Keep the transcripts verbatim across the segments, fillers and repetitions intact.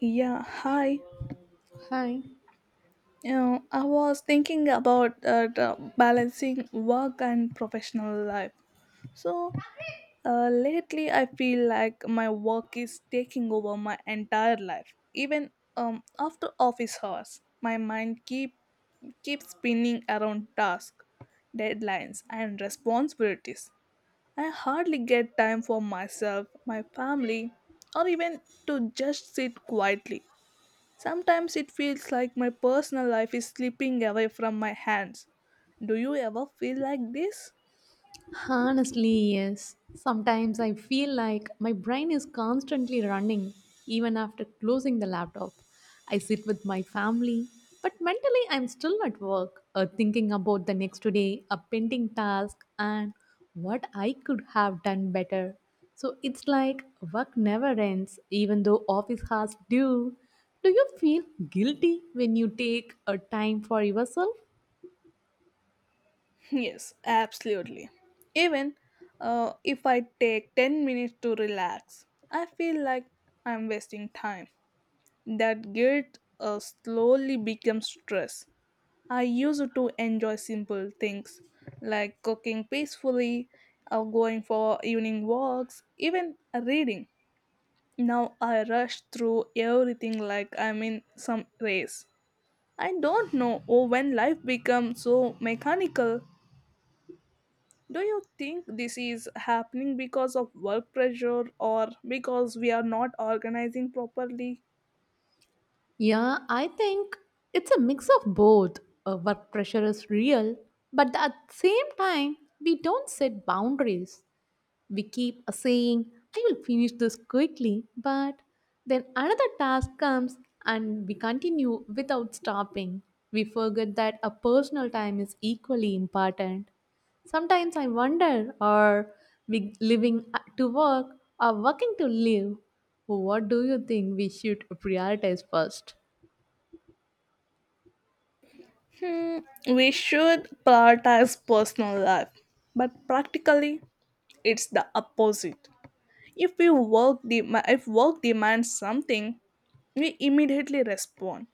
Yeah, hi. Hi. You know, I was thinking about uh, the balancing work and professional life. So, uh, lately I feel like my work is taking over my entire life. Even um, after office hours, my mind keep keeps spinning around tasks, deadlines, and responsibilities. I hardly get time for myself, my family, or even to just sit quietly. Sometimes it feels like my personal life is slipping away from my hands. Do you ever feel like this? Honestly, yes. Sometimes I feel like my brain is constantly running even after closing the laptop. I sit with my family, but mentally I'm still at work or thinking about the next day, a pending task, and what I could have done better. So it's like work never ends, even though office hours do. Do you feel guilty when you take a time for yourself? Yes, absolutely. Even uh, if I take ten minutes to relax, I feel like I'm wasting time. That guilt uh, slowly becomes stress. I used to enjoy simple things like cooking peacefully, or going for evening walks, even reading. Now I rush through everything like I'm in some race. I don't know oh, when life becomes so mechanical. Do you think this is happening because of work pressure or because we are not organizing properly? Yeah, I think it's a mix of both. Uh, work pressure is real, but at the same time, we don't set boundaries. We keep saying, I will finish this quickly, but then another task comes and we continue without stopping. We forget that a personal time is equally important. Sometimes I wonder, are we living to work or working to live? What do you think we should prioritize first? Hmm, we should prioritize personal life, but practically it's the opposite. If we work dem- if work demands something, we immediately respond.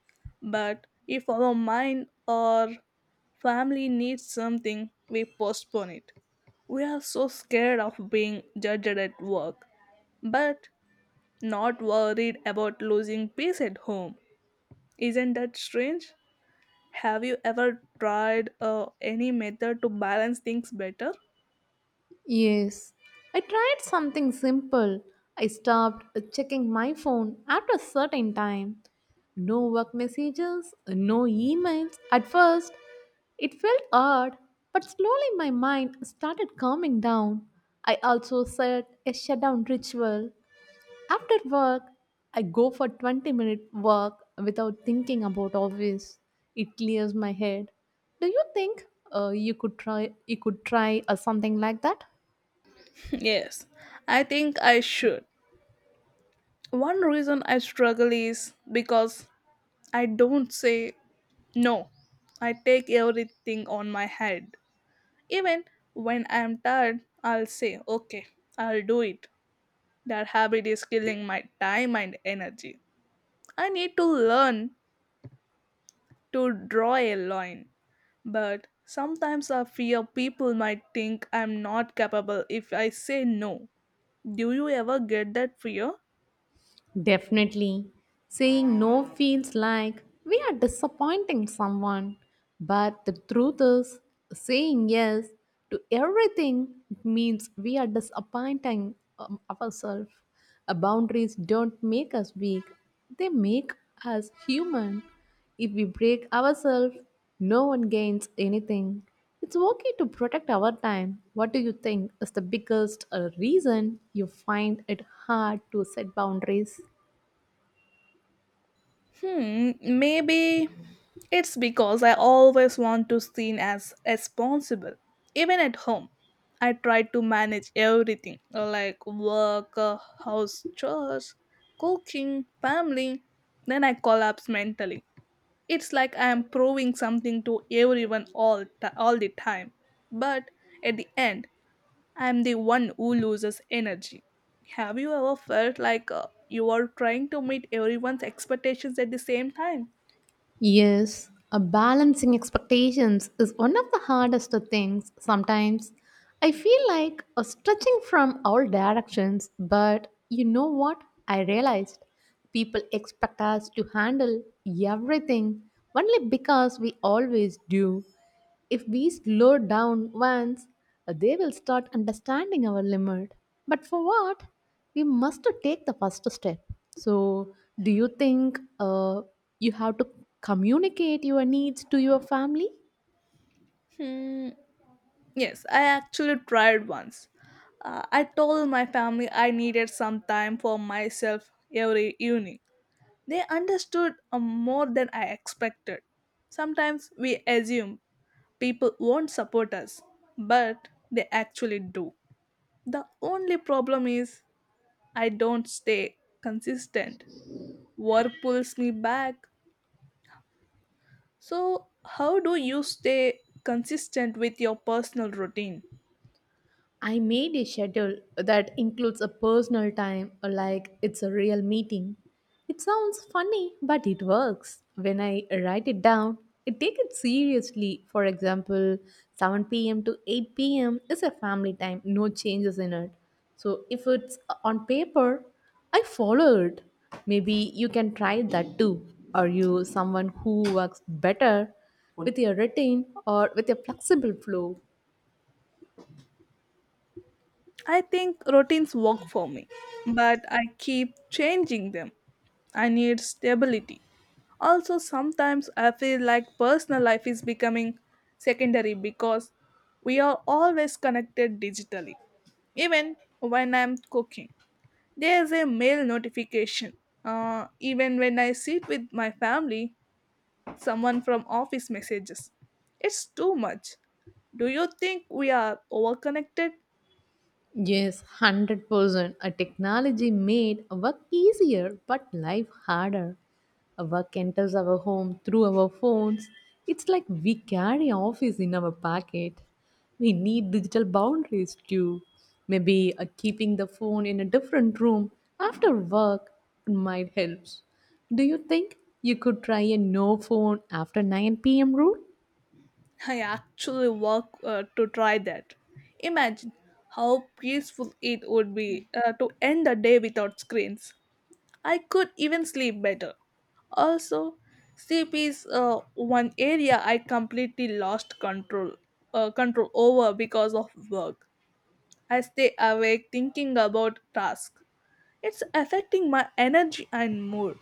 But if our mind or family needs something, we postpone it. We are so scared of being judged at work, but not worried about losing peace at home. Isn't that strange? Have you ever tried uh, any method to balance things better? Yes, I tried something simple. I stopped checking my phone after a certain time. No work messages, no emails. At first, it felt odd, but slowly my mind started calming down. I also set a shutdown ritual. After work, I go for twenty minute walk without thinking about office. It clears my head. Do you think uh, you could try you could try uh, something like that? yes, I think I should. One reason I struggle is because I don't say no. I take everything on my head. Even when I'm tired, I'll say, okay, I'll do it. That habit is killing my time and energy. I need to learn to draw a line. But sometimes I fear people might think I'm not capable if I say no. Do you ever get that fear? Definitely. Saying no feels like we are disappointing someone. But the truth is, saying yes to everything means we are disappointing um, ourselves. Uh, boundaries don't make us weak, they make us human. If we break ourselves, no one gains anything. It's okay to protect our time. What do you think is the biggest uh, reason you find it hard to set boundaries? Hmm, maybe it's because I always want to seen as responsible. Even at home, I try to manage everything like work, uh, house chores, cooking, family. Then I collapse mentally. It's like I am proving something to everyone all, t- all the time. But at the end, I'm the one who loses energy. Have you ever felt like uh, you are trying to meet everyone's expectations at the same time? Yes, a balancing expectations is one of the hardest things sometimes. I feel like a stretching from all directions, but you know what? I realized people expect us to handle everything only because we always do. If we slow down once, they will start understanding our limit. But for what? We must to take the first step. So, do you think uh, you have to communicate your needs to your family? Hmm. Yes, I actually tried once. Uh, I told my family I needed some time for myself every evening. They understood uh, more than I expected. Sometimes we assume people won't support us, but they actually do. The only problem is I don't stay consistent. Work pulls me back. So, how do you stay consistent with your personal routine? I made a schedule that includes a personal time, like it's a real meeting. It sounds funny, but it works. When I write it down, I take it seriously. For example, seven p m to eight p m is a family time, no changes in it. So if it's on paper, I follow it. Maybe you can try that too. Are you someone who works better with your routine or with a flexible flow? I think routines work for me, but I keep changing them. I need stability. Also, sometimes I feel like personal life is becoming secondary because we are always connected digitally. Even when I'm cooking, there's a mail notification. Uh, even when I sit with my family, someone from office messages. It's too much. Do you think we are overconnected? Yes, one hundred percent. A technology made work easier but life harder. A work enters our home through our phones. It's like we carry office in our pocket. We need digital boundaries too. Maybe uh, keeping the phone in a different room after work might help. Do you think you could try a no phone after nine p m rule? I actually work uh, to try that. Imagine how peaceful it would be uh, to end the day without screens. I could even sleep better. Also, sleep is uh, one area I completely lost control uh, control over because of work. I stay awake thinking about tasks. It's affecting my energy and mood.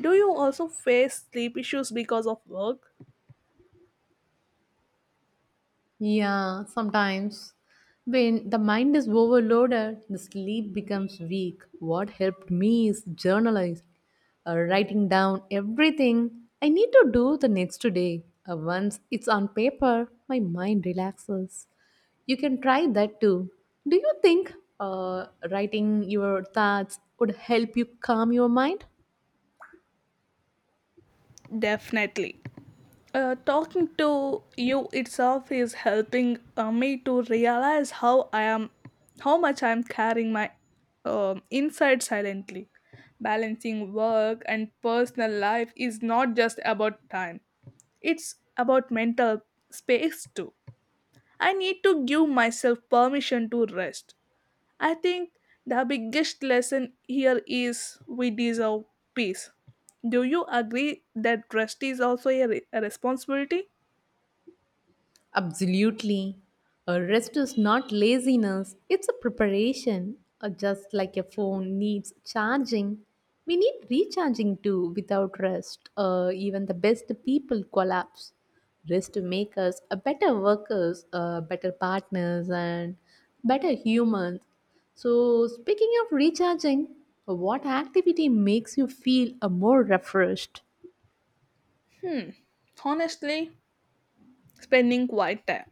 Do you also face sleep issues because of work? Yeah, sometimes when the mind is overloaded, the sleep becomes weak. What helped me is journalizing, uh, writing down everything I need to do the next day. Uh, once it's on paper, my mind relaxes. You can try that too. Do you think uh, writing your thoughts would help you calm your mind? Definitely. Uh, talking to you itself is helping uh, me to realize how I am, how much I am carrying my um, inside silently. Balancing work and personal life is not just about time; it's about mental space too. I need to give myself permission to rest. I think the biggest lesson here is we deserve peace. Do you agree that rest is also a, re- a responsibility? Absolutely. A rest is not laziness, it's a preparation. Uh, Just like a phone needs charging, we need recharging too without rest. Uh, even the best people collapse. Rest to make us a better workers, uh, better partners, and better humans. So, speaking of recharging, what activity makes you feel uh, more refreshed? Hmm. Honestly, spending quiet time,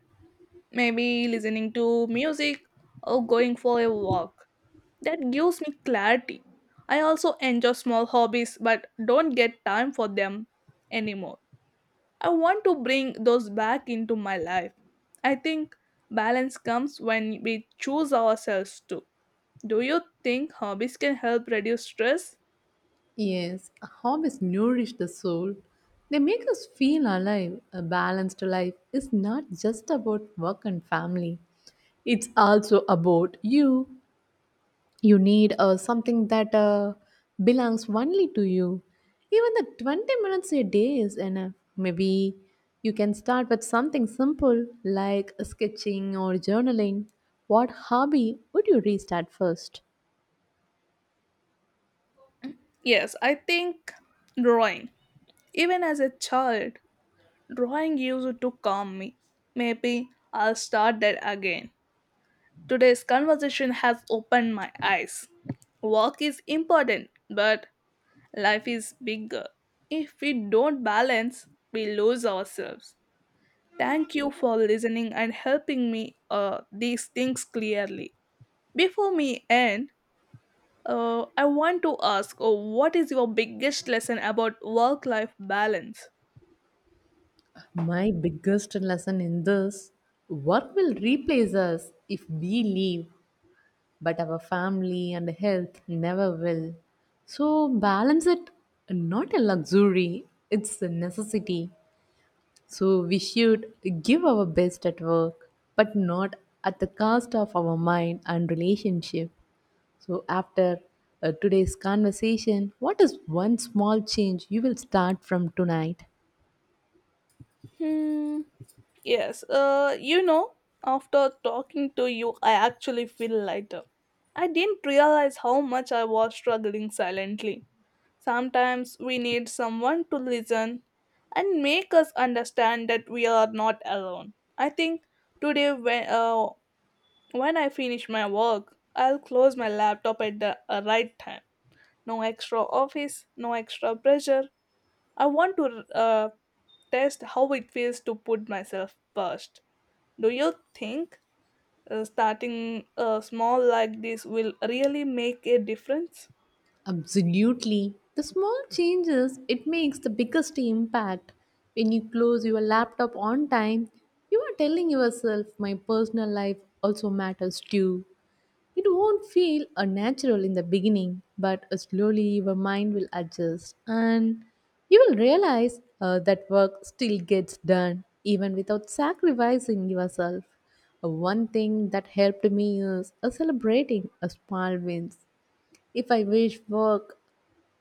maybe listening to music or going for a walk, that gives me clarity. I also enjoy small hobbies but don't get time for them anymore. I want to bring those back into my life. I think balance comes when we choose ourselves too. Do you think hobbies can help reduce stress? Yes, hobbies nourish the soul. They make us feel alive. A balanced life is not just about work and family. It's also about you. You need uh, something that uh, belongs only to you. Even the twenty minutes a day is enough. Maybe you can start with something simple like sketching or journaling. What hobby would you restart first? Yes, I think drawing. Even as a child, drawing used to calm me. Maybe I'll start that again. Today's conversation has opened my eyes. Work is important, but life is bigger. If we don't balance, we lose ourselves. Thank you for listening and helping me uh, these things clearly. Before me end, uh, I want to ask uh, what is your biggest lesson about work life balance? My biggest lesson in this, work will replace us if we leave, but our family and health never will. So, balance it not a luxury, it's a necessity. So, we should give our best at work, but not at the cost of our mind and relationship. So, after uh, today's conversation, what is one small change you will start from tonight? Hmm. Yes. Uh, you know, after talking to you, I actually feel lighter. I didn't realize how much I was struggling silently. Sometimes we need someone to listen and make us understand that we are not alone. I think today, when, uh, when I finish my work, I'll close my laptop at the uh, right time. No extra office, no extra pressure. I want to uh, test how it feels to put myself first. Do you think uh, starting uh, small like this will really make a difference? Absolutely. The small changes, it makes the biggest impact. When you close your laptop on time, you are telling yourself my personal life also matters too. It won't feel unnatural in the beginning, but uh, slowly your mind will adjust and you will realize uh, that work still gets done even without sacrificing yourself. Uh, One thing that helped me is uh, celebrating a small wins. If I wish work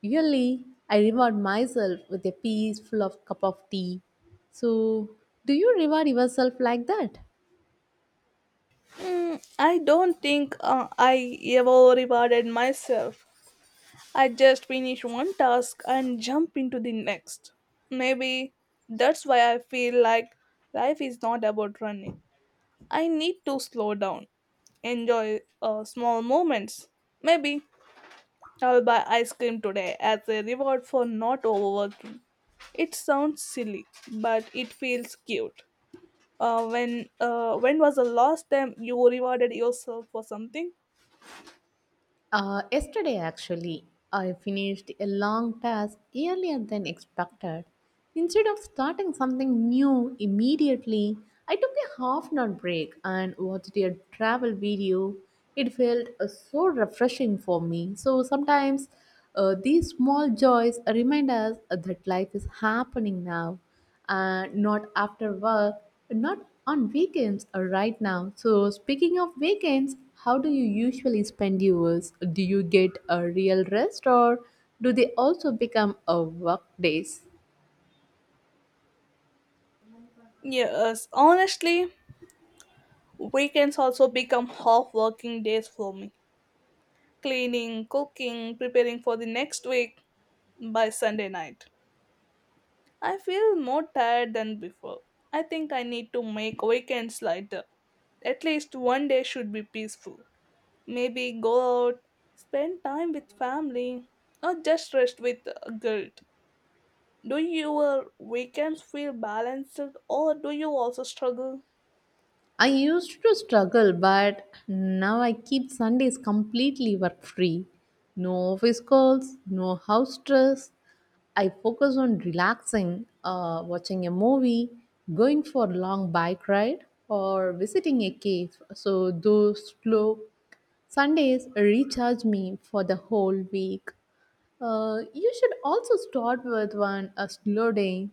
really, I reward myself with a peaceful of cup of tea. So, do you reward yourself like that? Mm, I don't think uh, I ever rewarded myself. I just finish one task and jump into the next. Maybe that's why I feel like life is not about running. I need to slow down, enjoy uh, small moments. Maybe I'll buy ice cream today as a reward for not overworking. It sounds silly, but it feels cute. Uh, when uh, when was the last time you rewarded yourself for something? Uh, yesterday, actually, I finished a long task earlier than expected. Instead of starting something new immediately, I took a half an hour break and watched a travel video. It felt uh, so refreshing for me. So sometimes uh, these small joys remind us that life is happening now, uh, not after work, not on weekends, uh, right now. So, speaking of weekends, how do you usually spend yours? Do you get a real rest or do they also become a work days? Yes, honestly, weekends also become half working days for me. Cleaning, cooking, preparing for the next week by Sunday night. I feel more tired than before. I think I need to make weekends lighter. At least one day should be peaceful. Maybe go out, spend time with family, or just rest with uh, guilt. Do your weekends feel balanced or do you also struggle? I used to struggle, but now I keep Sundays completely work free. No office calls, no house stress. I focus on relaxing, uh, watching a movie, going for a long bike ride, or visiting a cave. So, those slow Sundays recharge me for the whole week. Uh, you should also start with one a slow day.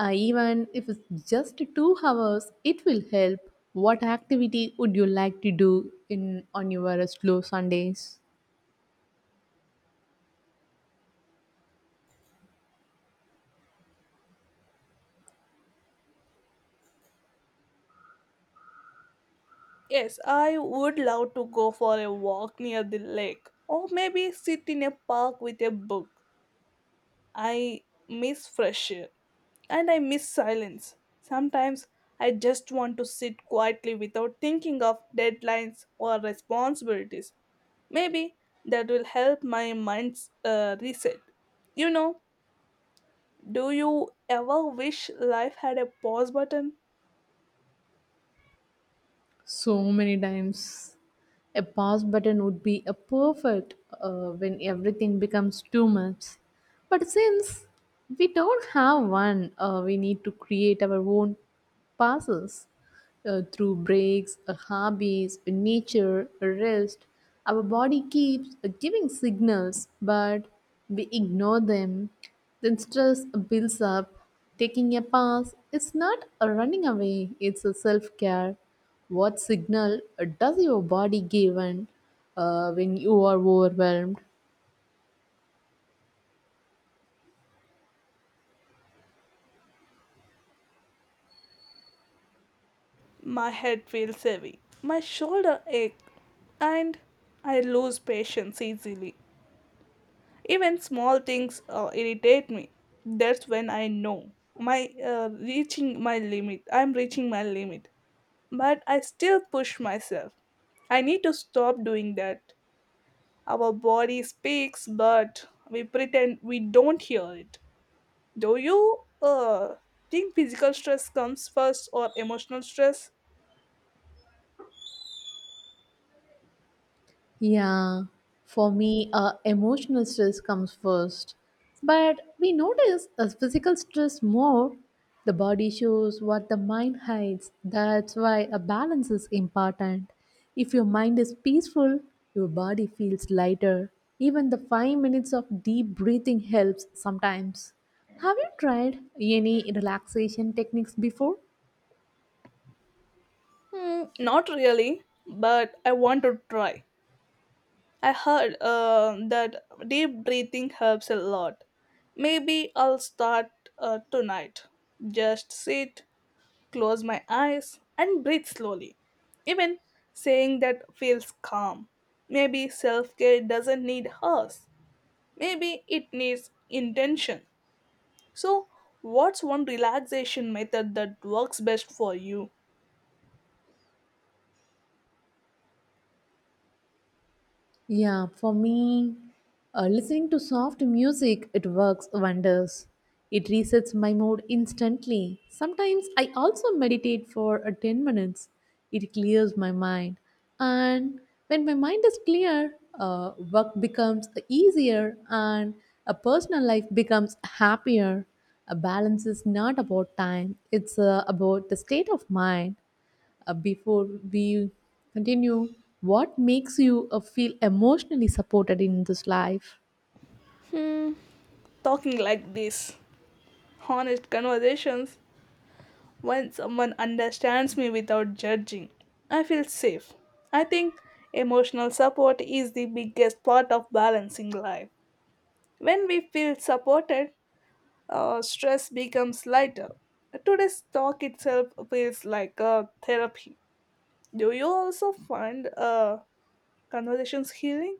Uh, even if it's just two hours, it will help. What activity would you like to do in on your slow Sundays? Yes, I would love to go for a walk near the lake or maybe sit in a park with a book. I miss fresh air and I miss silence. Sometimes I just want to sit quietly without thinking of deadlines or responsibilities. Maybe that will help my mind uh, reset. You know, do you ever wish life had a pause button? So many times, a pause button would be a perfect uh, when everything becomes too much. But since we don't have one, uh, we need to create our own passes, uh, through breaks, uh, hobbies, uh, nature, uh, rest. Our body keeps uh, giving signals, but we ignore them. Then stress builds up. Taking a pause is not a running away, it's a self care. What signal uh, does your body give when, uh, when you are overwhelmed? My head feels heavy, my shoulder ache, and I lose patience easily. Even small things uh, irritate me. That's when I know my uh, reaching my limit. I'm reaching my limit, but I still push myself. I need to stop doing that. Our body speaks, but we pretend we don't hear it. Do you uh, think physical stress comes first or emotional stress? Yeah, for me, uh, emotional stress comes first. But we notice as physical stress more, the body shows what the mind hides. That's why a balance is important. If your mind is peaceful, your body feels lighter. Even the five minutes of deep breathing helps sometimes. Have you tried any relaxation techniques before? Hmm, not really, but I want to try. I heard uh, that deep breathing helps a lot. Maybe I'll start uh, tonight. Just sit, close my eyes, and breathe slowly. Even saying that feels calm. Maybe self care doesn't need hours. Maybe it needs intention. So, what's one relaxation method that works best for you? Yeah, for me, uh, listening to soft music, it works wonders. It resets my mood instantly. Sometimes I also meditate for uh, ten minutes. It clears my mind. And when my mind is clear, uh, work becomes easier and a personal life becomes happier. A balance is not about time, it's uh, about the state of mind. Uh, before we continue, what makes you uh, feel emotionally supported in this life? Talking like this, honest conversations. When someone understands me without judging, I feel safe. I think emotional support is the biggest part of balancing life. When we feel supported, uh, stress becomes lighter. Today's talk itself feels like a therapy. Do you also find uh, conversations healing?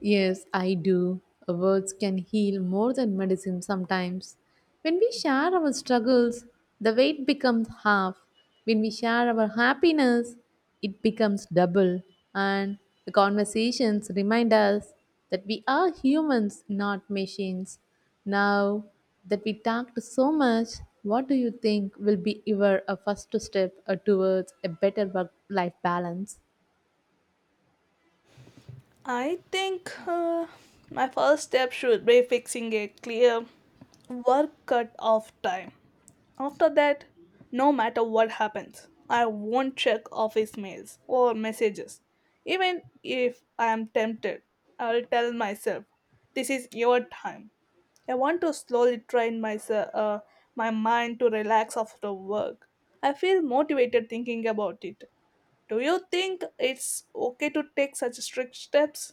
Yes, I do. Words can heal more than medicine sometimes. When we share our struggles, the weight becomes half. When we share our happiness, it becomes double. And the conversations remind us that we are humans, not machines. Now that we talked so much, what do you think will be your uh, first step uh, towards a better work life balance? I think uh, my first step should be fixing a clear work cut off time. After that, no matter what happens, I won't check office mails or messages. Even if I am tempted, I'll tell myself, this is your time. I want to slowly train myself, uh, my mind to relax after work. I feel motivated thinking about it. Do you think it's okay to take such strict steps?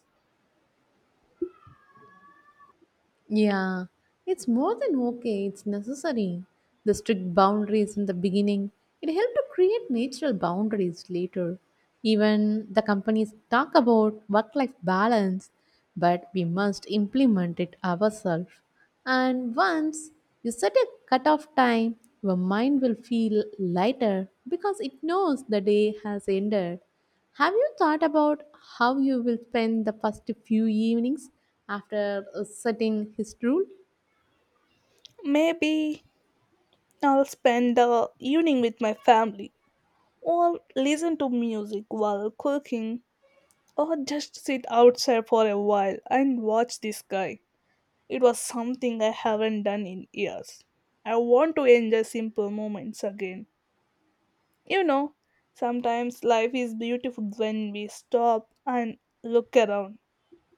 Yeah, it's more than okay, it's necessary. The strict boundaries in the beginning, it helped to create natural boundaries later. Even the companies talk about work life balance, but we must implement it ourselves. And once you set a cutoff time, your mind will feel lighter because it knows the day has ended. Have you thought about how you will spend the first few evenings after uh, setting his rule? Maybe I'll spend the evening with my family or listen to music while cooking or just sit outside for a while and watch the sky. It was something I haven't done in years. I want to enjoy simple moments again. You know, sometimes life is beautiful when we stop and look around.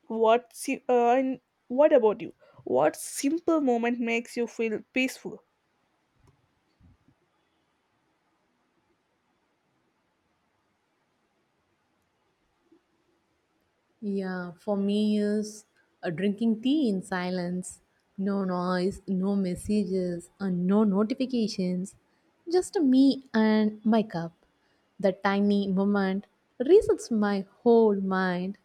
What si- uh, and what about you? What simple moment makes you feel peaceful? Yeah, for me is uh, drinking tea in silence. No noise, no messages, and no notifications. Just me and my cup. The tiny moment resets my whole mind.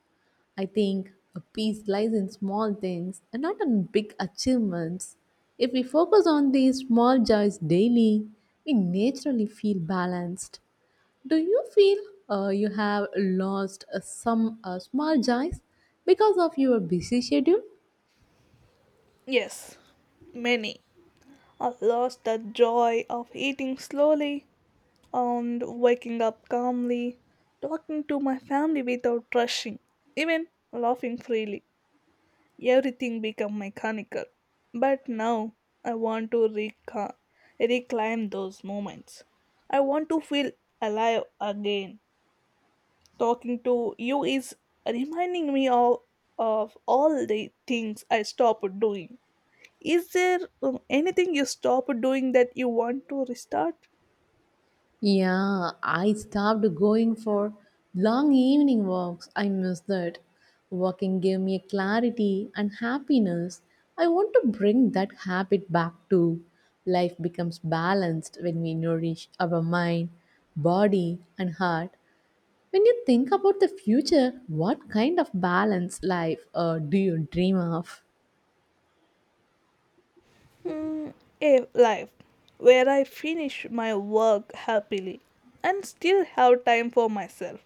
I think a peace lies in small things and not in big achievements. If we focus on these small joys daily, we naturally feel balanced. Do you feel uh, you have lost uh, some uh, small joys because of your busy schedule? Yes, many. I lost the joy of eating slowly and waking up calmly, talking to my family without rushing, even laughing freely. Everything became mechanical. But now I want to reca- reclaim those moments. I want to feel alive again. Talking to you is reminding me all of all the things I stopped doing. Is there um, anything you stopped doing that you want to restart? Yeah, I stopped going for long evening walks. I miss that. Walking gave me clarity and happiness. I want to bring that habit back too. Life becomes balanced when we nourish our mind, body, and heart. When you think about the future, what kind of balanced life uh, do you dream of? Mm, a life where I finish my work happily and still have time for myself.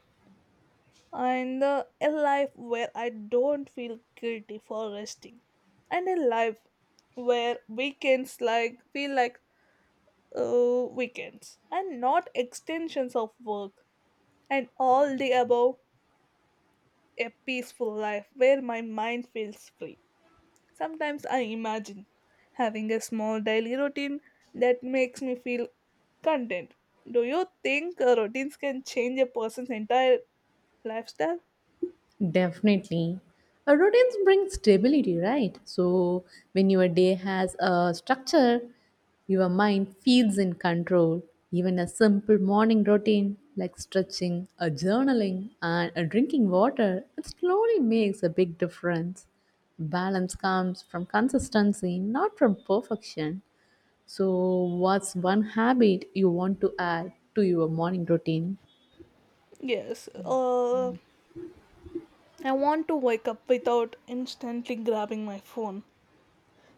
And uh, a life where I don't feel guilty for resting. And a life where weekends like feel like uh, weekends and not extensions of work. And all the above, a peaceful life where my mind feels free. Sometimes I imagine having a small daily routine that makes me feel content. Do you think uh, routines can change a person's entire lifestyle? Definitely. A routine brings stability, right? So when your day has a structure, your mind feels in control. Even a simple morning routine like stretching, a journaling, and a drinking water, it slowly makes a big difference. Balance comes from consistency, not from perfection. So, what's one habit you want to add to your morning routine? Yes. Uh, I want to wake up without instantly grabbing my phone.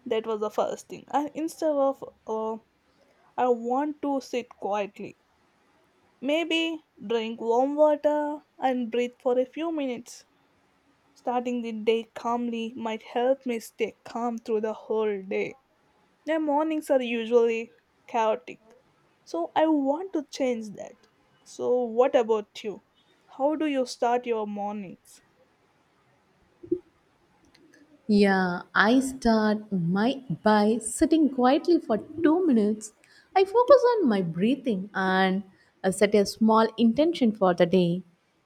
That was the first thing. I, instead of, uh, I want to sit quietly. Maybe drink warm water and breathe for a few minutes. Starting the day calmly might help me stay calm through the whole day. My mornings are usually chaotic, so I want to change that. So, what about you? How do you start your mornings? Yeah, I start my by sitting quietly for two minutes. I focus on my breathing and uh, set a small intention for the day.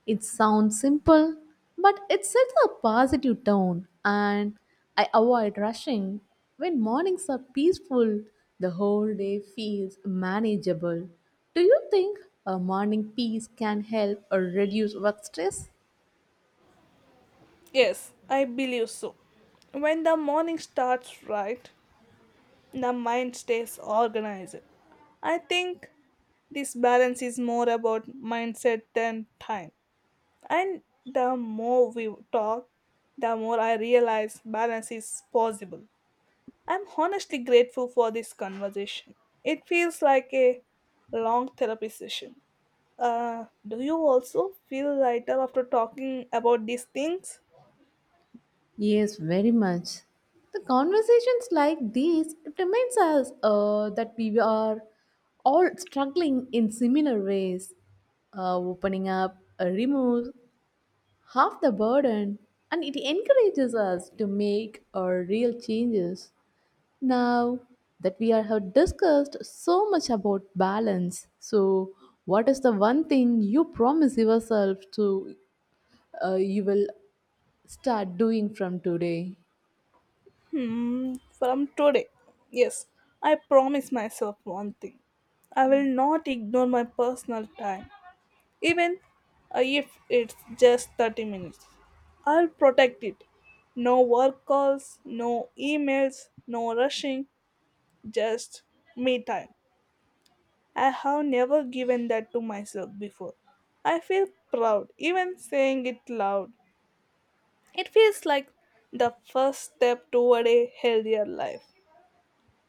It sounds simple, but it sets a positive tone and I avoid rushing. When mornings are peaceful, the whole day feels manageable. Do you think a morning peace can help or reduce work stress? Yes, I believe so. When the morning starts right, the mind stays organized. I think this balance is more about mindset than time. And the more we talk, the more I realize balance is possible. I'm honestly grateful for this conversation. It feels like a long therapy session. Uh, do you also feel lighter after talking about these things? Yes, very much. The conversations like these it reminds us uh, that we are all struggling in similar ways, uh, opening up, uh, removes half the burden, and it encourages us to make our real changes. Now that we are have discussed so much about balance, so what is the one thing you promise yourself to, uh, you will start doing from today? Hmm, from today. Yes, I promise myself one thing. I will not ignore my personal time, even uh, if it's just thirty minutes. I'll protect it. No work calls, no emails, no rushing, just me time. I have never given that to myself before. I feel proud, even saying it loud. It feels like the first step toward a healthier life.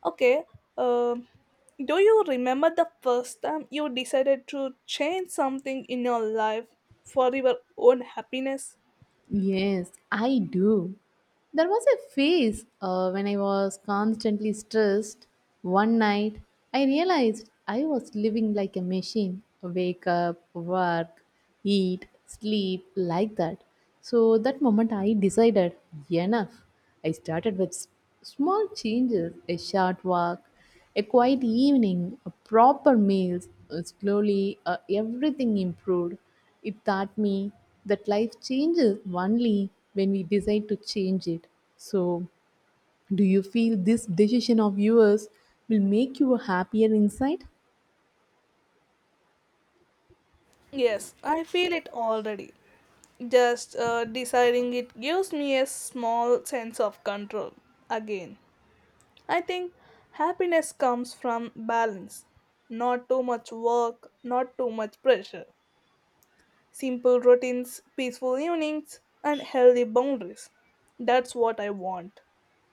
Okay, um, do you remember the first time you decided to change something in your life for your own happiness? Yes, I do. There was a phase uh, when I was constantly stressed. One night, I realized I was living like a machine, wake up, work, eat, sleep, like that. So, that moment I decided enough. I started with s- small changes, a short walk, a quiet evening, a proper meals, uh, slowly uh, everything improved. It taught me that life changes only when we decide to change it. So, do you feel this decision of yours will make you happier inside? Yes, I feel it already. Just uh, deciding it gives me a small sense of control again. I think happiness comes from balance. Not too much work, not too much pressure. Simple routines, peaceful evenings, and healthy boundaries. That's what I want.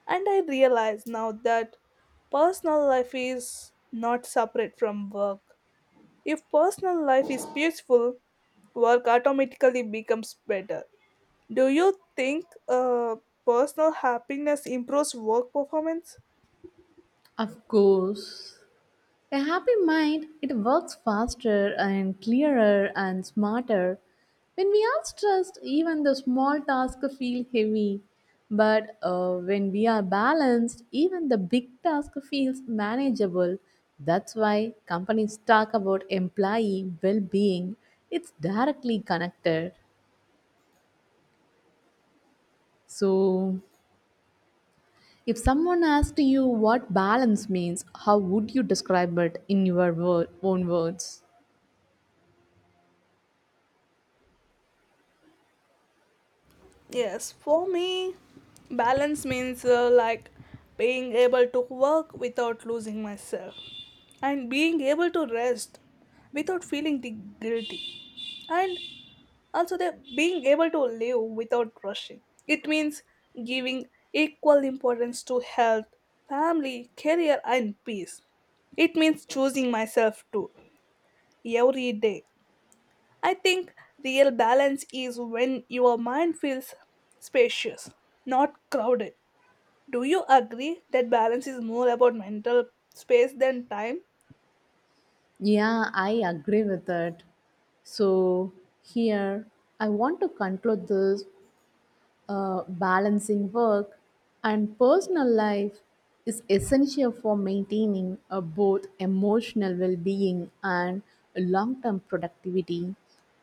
And I realize now that personal life is not separate from work. If personal life is peaceful, work automatically becomes better. Do you think uh, personal happiness improves work performance? Of course. A happy mind, it works faster and clearer and smarter. When we are stressed, even the small tasks feel heavy. But uh, when we are balanced, even the big task feels manageable. That's why companies talk about employee well being, it's directly connected. So, if someone asked you what balance means, how would you describe it in your word, own words? Yes, for me, balance means uh, like being able to work without losing myself and being able to rest without feeling the guilty and also the being able to live without rushing. It means giving equal importance to health, family, career and peace. It means choosing myself too every day. I think real balance is when your mind feels spacious, not crowded. Do you agree that balance is more about mental space than time? Yeah, I agree with that. So, here I want to conclude this, uh, balancing work and personal life is essential for maintaining uh, both emotional well being and long term productivity.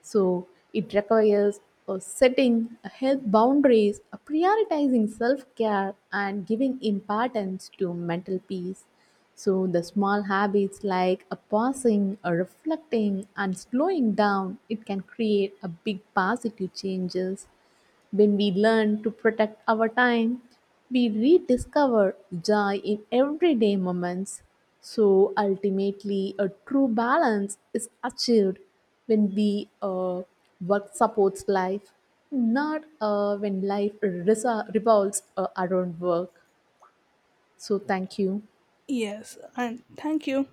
So, it requires uh, setting health boundaries, uh, prioritizing self care, and giving importance to mental peace. So, the small habits like a pausing, a reflecting, and slowing down, it can create a big positive changes. When we learn to protect our time, we rediscover joy in everyday moments. So ultimately, a true balance is achieved when we uh, work supports life, not uh, when life resa- revolves uh, around work. So thank you. Yes, and thank you.